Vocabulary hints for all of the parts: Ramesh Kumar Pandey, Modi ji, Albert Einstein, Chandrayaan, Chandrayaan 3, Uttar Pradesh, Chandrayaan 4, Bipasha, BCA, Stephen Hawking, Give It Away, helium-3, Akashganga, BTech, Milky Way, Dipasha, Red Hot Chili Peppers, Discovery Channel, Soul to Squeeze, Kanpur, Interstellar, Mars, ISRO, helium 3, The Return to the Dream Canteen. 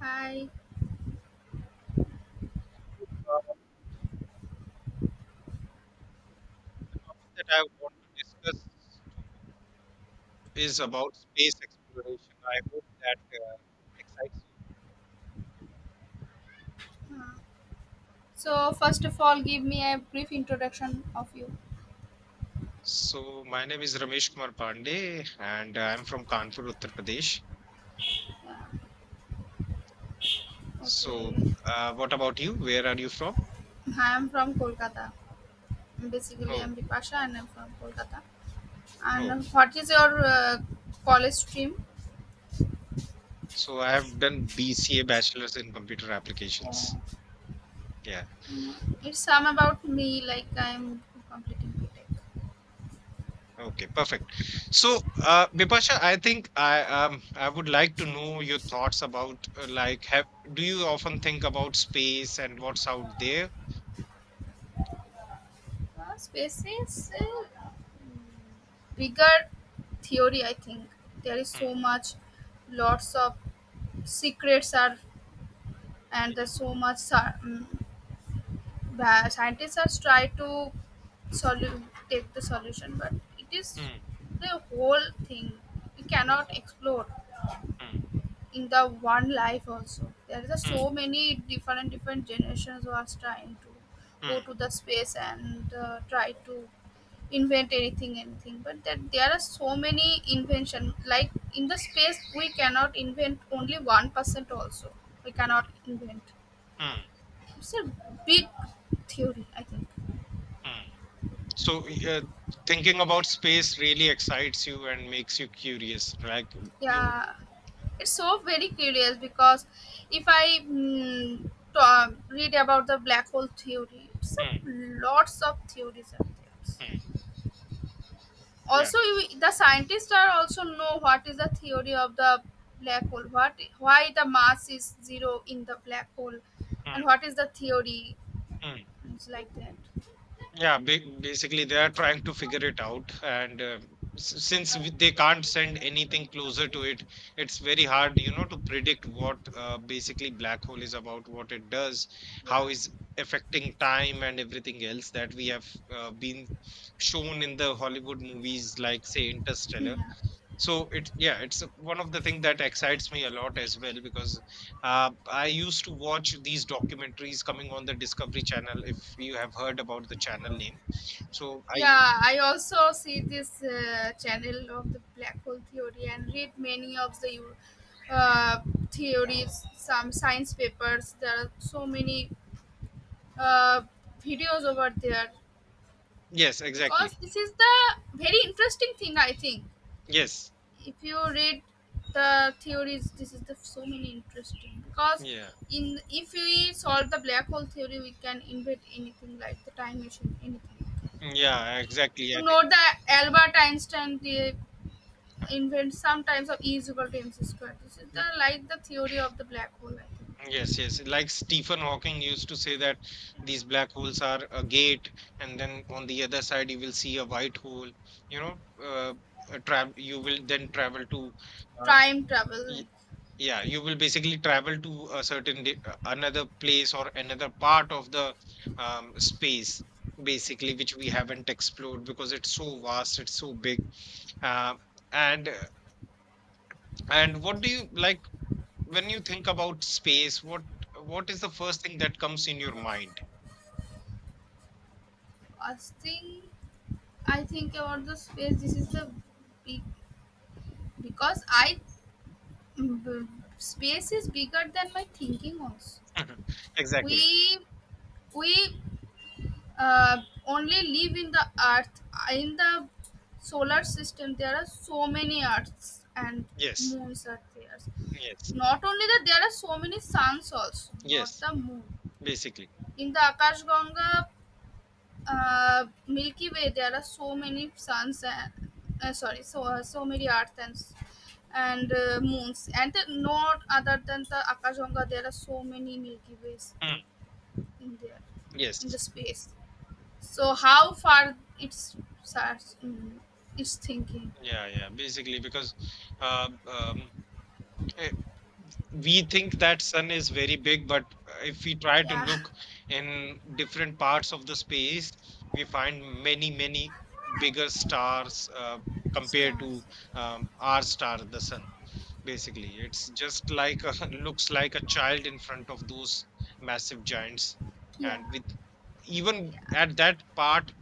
Hi. Uh, that I want to discuss is about space exploration. I hope that excites you. So first of all, give me a brief introduction of you. So, my name is Ramesh Kumar Pandey, and I'm from Kanpur, Uttar Pradesh. Yeah. So, Okay. What about you? Where are you from? Hi, I'm from Kolkata. Basically, Oh, I'm Dipasha and I'm from Kolkata. oh. And what is your college stream? So, I have done BCA, Bachelor's in Computer Applications. Oh, Yeah. mm, it's some about me, like I'm completing BTech. Okay, perfect. So, Bipasha, I think I would like to know your thoughts about like have do you often think about space and what's out there? Space is bigger theory, I think. There is Mm, so much, lots of secrets are, and there's so much. The scientists are try to solu- take the solution, but it is mm, the whole thing, we mm, cannot explore mm, in the one life. Also there is a mm, so many different different generations who are trying to go mm, to the space and try to invent anything anything, but that there are so many invention, like in the space we cannot invent only 1% also, we mm, cannot invent. mm, It's a big theory, I think. mm. So, thinking about space really excites you and makes you curious. Like you, Yeah, it's so very curious because if I read about the black hole theory, it's a, mm, lots of theories out mm, there. yeah, Also you, the scientists are also know what is the theory of the black hole, what why the mass is zero in the black hole and mm, what is the theory. mm, It's like that, basically they are trying to figure it out, and they can't send anything closer to it, it's very hard, you know, to predict what basically black hole is about, what it does, how yeah. is affecting time and everything else that we have been shown in the Hollywood movies like say Interstellar. Hmm. So it yeah, it's one of the things that excites me a lot as well because I used to watch these documentaries coming on the Discovery Channel if you have heard about the channel name. So Yeah, I also see this channel of the black hole theory and read many of the uh, theories, some science papers. There are so many uh, videos over there yes, exactly. because this is the very interesting thing. I think Yes. if you read the theories, this is the so many interesting because Yeah. in if we solve the black hole theory, we can invent anything like the time machine, anything. Yeah, exactly. You I think know the Albert Einstein the invent sometimes of E is equal to mc squared. This is mm, the like the theory of the black hole, I think. yes, yes. Like Stephen Hawking used to say that these black holes are a gate, and then on the other side you will see a white hole. You know, a tra you will then travel to. Uh, Time travel, like Yeah, you will basically travel to a certain another place or another part of the space, basically, which we haven't explored because it's so vast, it's so big. Uh, and and what do you like when you think about space? What is the first thing that comes in your mind? a thing I think about the space. This is the big because I mm, b- space is bigger than my thinking. Also, Mhm. Exactly. we we uh, only live in the Earth in the solar system. There are so many Earths and Yes. moons are there. Yes. Not only that, there are so many suns also, not Yes. the moon. Basically. In the Akashganga, Milky Way, there are so many suns and sorry, so so many earths and moons, and the, not other than the Akashganga, there are so many Milky Ways Mm. in there, in the Yes. space. So how far it's starts, it's thinking, Yeah. Yeah. Basically, because uh, um, eh, we think that sun is very big, but if we try to yeah, look in different parts of the space, we find many, many bigger stars compared to stars, our star, the sun. Basically, it's just like looks like a child in front of those massive giants, yeah, and with even yeah. at that part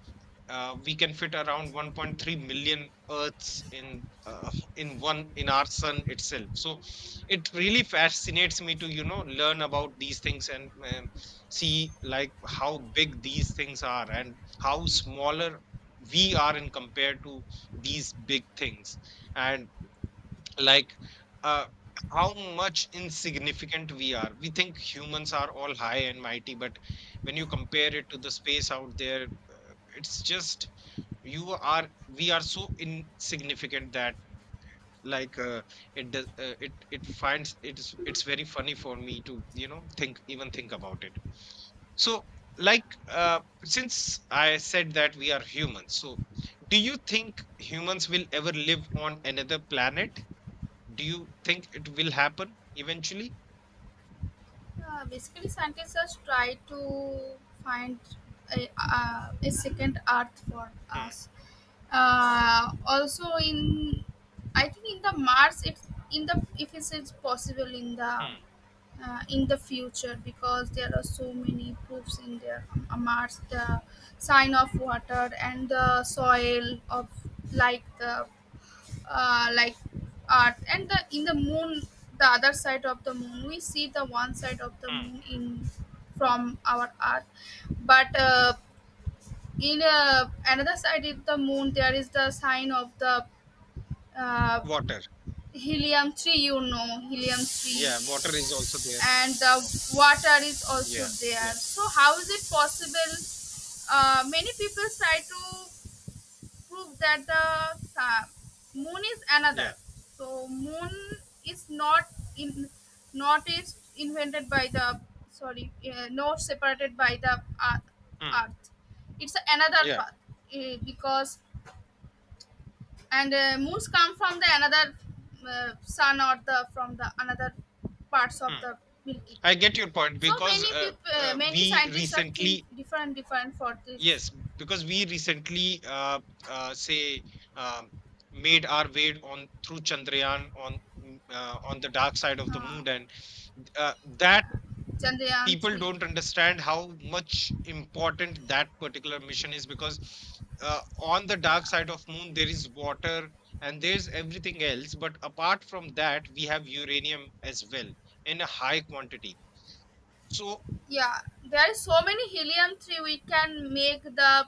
we can fit around 1.3 million earths in one in our sun itself, so it really fascinates me to, you know, learn about these things, and, see like how big these things are and how smaller we are in compared to these big things and like uh, how much insignificant we are. We think humans are all high and mighty, but when you compare it to the space out there, it's just you are we are so insignificant that like it finds it's very funny for me to, you know, think about it. So like since I said that we are humans, so do you think humans will ever live on another planet? Do you think it will happen eventually? Yeah, basically, scientists just try to find a second Earth for Hmm, us. Also, in I think in the Mars, it's in the if it's, it's possible hmm, in the future because there are so many proofs in there. Mars, the sign of water and the soil of like the like art and the in the moon, the other side of the moon. We see the one side of the hmm. moon in from our earth, but in another side of the moon there is the sign of the uh, Water. helium 3. You know helium 3 Yeah, water is also there. and the water is also Yeah, yeah, there, so how is it possible? Many people try to prove that the sa- moon is yeah. another. So moon is not in not is invented by the sorry not separated by the earth. Hmm, earth. It's another yeah, path, because and moons come from the another sun or the from the another parts of the Milky Way. I get your point So because many people, uh, many we scientists are think recently, different, different for this. yes, because we recently say um, made our way on through Chandrayaan on on the dark side of the Uh, moon, and uh, that yeah, Chandrayaan people three. don't understand how much important that particular mission is because on the dark Yeah, side of moon there is water and there's everything else, but apart from that we have uranium as well, in a high quantity. So yeah, there is so many helium 3 we can make the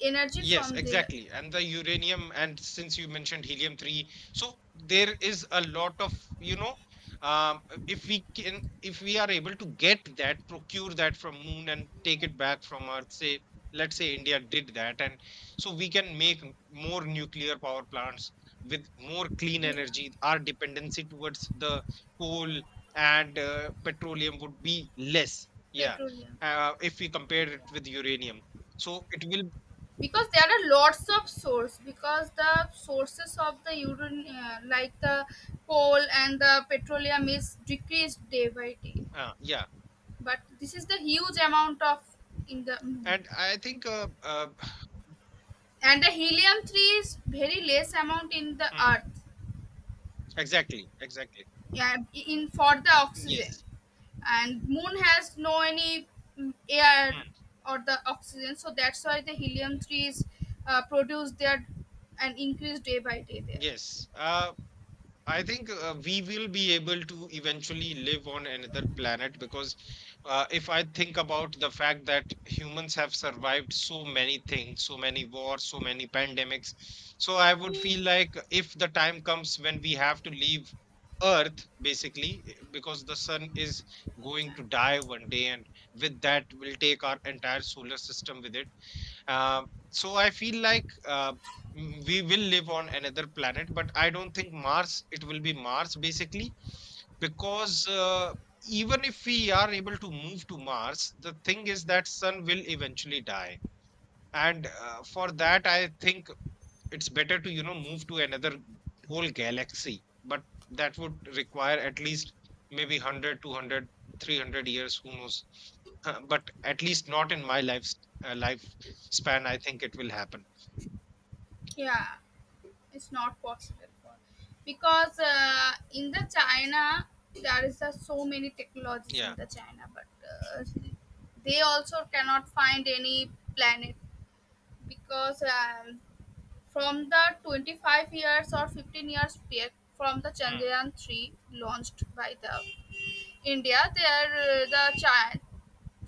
energy yes, from there. exactly. And the uranium, and since you mentioned helium-3, so there is a lot of, you know, if we can, if we are able to get that, procure that from moon and take it back from Earth, say, let's say India did that, and so we can make more nuclear power plants with more clean Yeah, energy. Our dependency towards the coal and petroleum would be less. Yeah, petroleum, if we compare it with uranium. So it will because there are lots of source because the sources of the uranium, like the coal and the petroleum is decreased day by day, yeah. but this is the huge amount of in the moon. And I think, And the helium 3 is very less amount in the mm, earth, exactly, exactly. yeah, in for the oxygen. Yes, And moon has no any air mm, or the oxygen, so that's why the helium trees produce their and increase day by day there. yes. I think we will be able to eventually live on another planet because if I think about the fact that humans have survived so many things, so many wars, so many pandemics, so I would feel like if the time comes when we have to leave Earth, basically, because the sun is going to die one day, and with that, we'll take our entire solar system with it. Uh, so I feel like we will live on another planet, but I don't think Mars, it will be Mars basically, because even if we are able to move to Mars, the thing is that sun will eventually die. And for that, I think it's better to, you know, move to another whole galaxy, but that would require at least maybe 100, 200, 300 years, who knows. But at least not in my life span, I think it will happen. Yeah, it's not possible for, because in the china there is so many technologies in Yeah. the china, but uh, they also cannot find any planet because from the 25 years or 15 years period from the Mm, Chandrayaan 3 launched by the India, there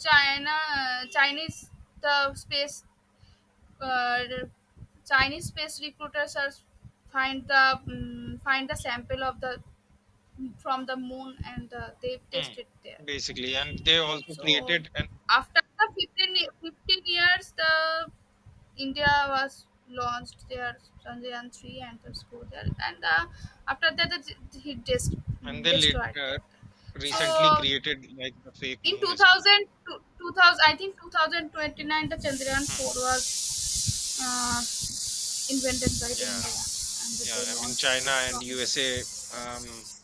China Chinese the space, uh, Chinese space recruiters are find the find the sample of the from the moon and they mm. tested there. Basically, and they also So created after the 15, ye- 15 years, the India was launched their Chandrayaan 3 and the score there, and after that, it, and they destroyed that. recently So created like the fake in moon as well. 2000, I think 2029, the Chandrayaan Mm, 4 was uh, invented by the yeah. India and Yeah, they I mean launched China and from the USA um Chandrayaan.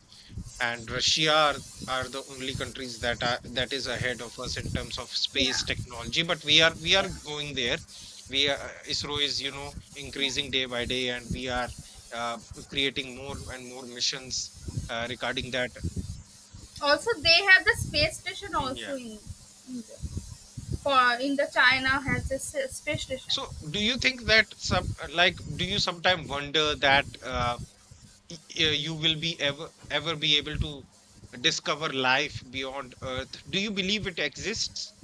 and Russia are the only countries that are that is ahead of us in terms of Yeah, space technology. But we are, we are yeah, going there. We are, ISRO is, you know, yeah. increasing day by day, and we are uh, creating more and more missions regarding that. Also, they have the space station Mm, yeah. also in India. For in the China has a space station. So do you think that some like do you sometimes wonder that y- you will be ever be able to discover life beyond Earth? Do you believe it exists?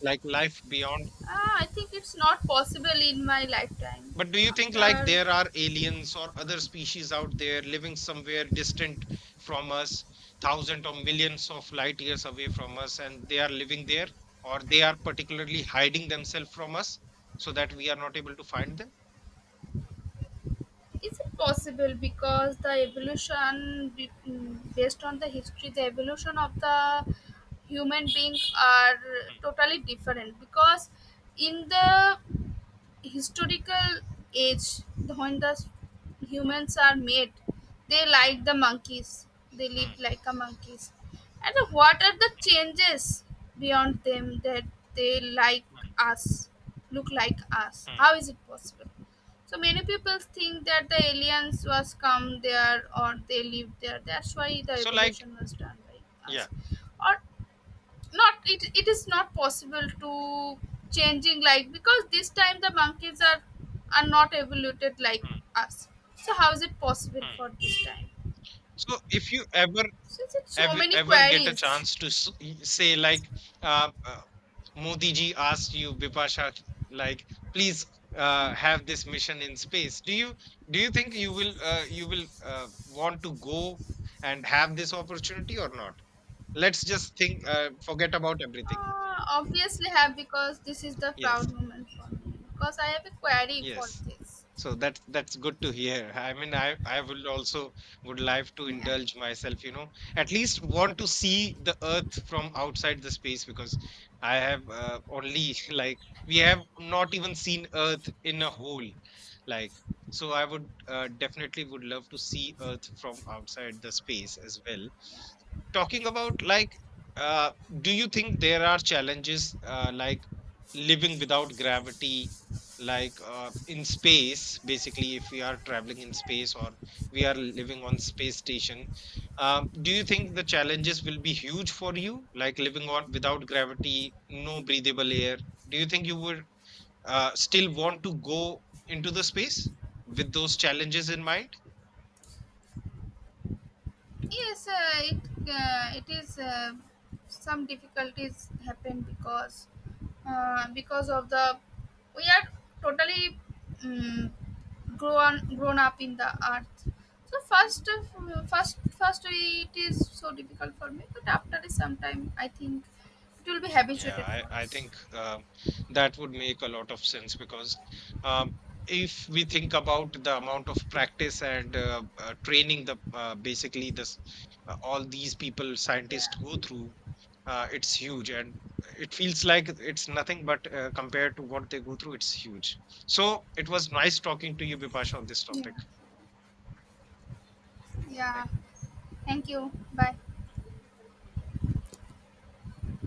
Like life beyond. Ah, I think it's not possible in my lifetime. But do you think like After, there are aliens or other species out there living somewhere distant from us, thousands or millions of light years away from us, and they are living there, or they are particularly hiding themselves from us so that we are not able to find them? is it possible because the evolution, based on the history, the evolution of the human being are Mm, totally different. Because in the historical age, when mm, humans are made, they like mm, the monkeys, they live mm, like a monkeys. And what are the changes beyond them? That they like mm, us, look like us, mm. how is it possible? So many people think that the aliens was come there, or they lived there. That's why the So, like, evolution was done by yeah. us or not. It, it is not possible to changing, like because this time the monkeys are not evoluted like Mm, us, so how is it possible for mm. this time, So, if you ever since it's so many ever get a queries. chance to say like uh, uh, Modi ji asked you Bipasha like please have this mission in space, do you think you will want to go and have this opportunity or not? Let's just think, forget about everything. Obviously have, because this is the Yes, proud moment for me, because I have a query yes. for this. So that's good to hear. I mean, I will also would like to Yeah. indulge myself, you know, at least want to see the Earth from outside the space because I have only like we have not even seen Earth in a whole, like, so I would definitely would love to see Earth from outside the space as well. Talking about like, uh, do you think there are challenges like living without gravity? Like in space basically if we are traveling in space or we are living on space station, do you think the challenges will be huge for you like living on without gravity, no breathable air? Do you think you would still want to go into the space with those challenges in mind? Yes, it is some difficulties happen because of the we are totally um, grown up in the earth. So first of- first first it is so difficult for me, but after some time I think it will be Yeah, habituated for I us. think that would make a lot of sense because um, if we think about the amount of practice and training the basically this all these people scientists Yeah, go through, it's huge and it feels like it's nothing but compared to what they go through, it's huge. So it was nice talking to you, Bipasha, on this yeah, topic. yeah. Thank you. Bye.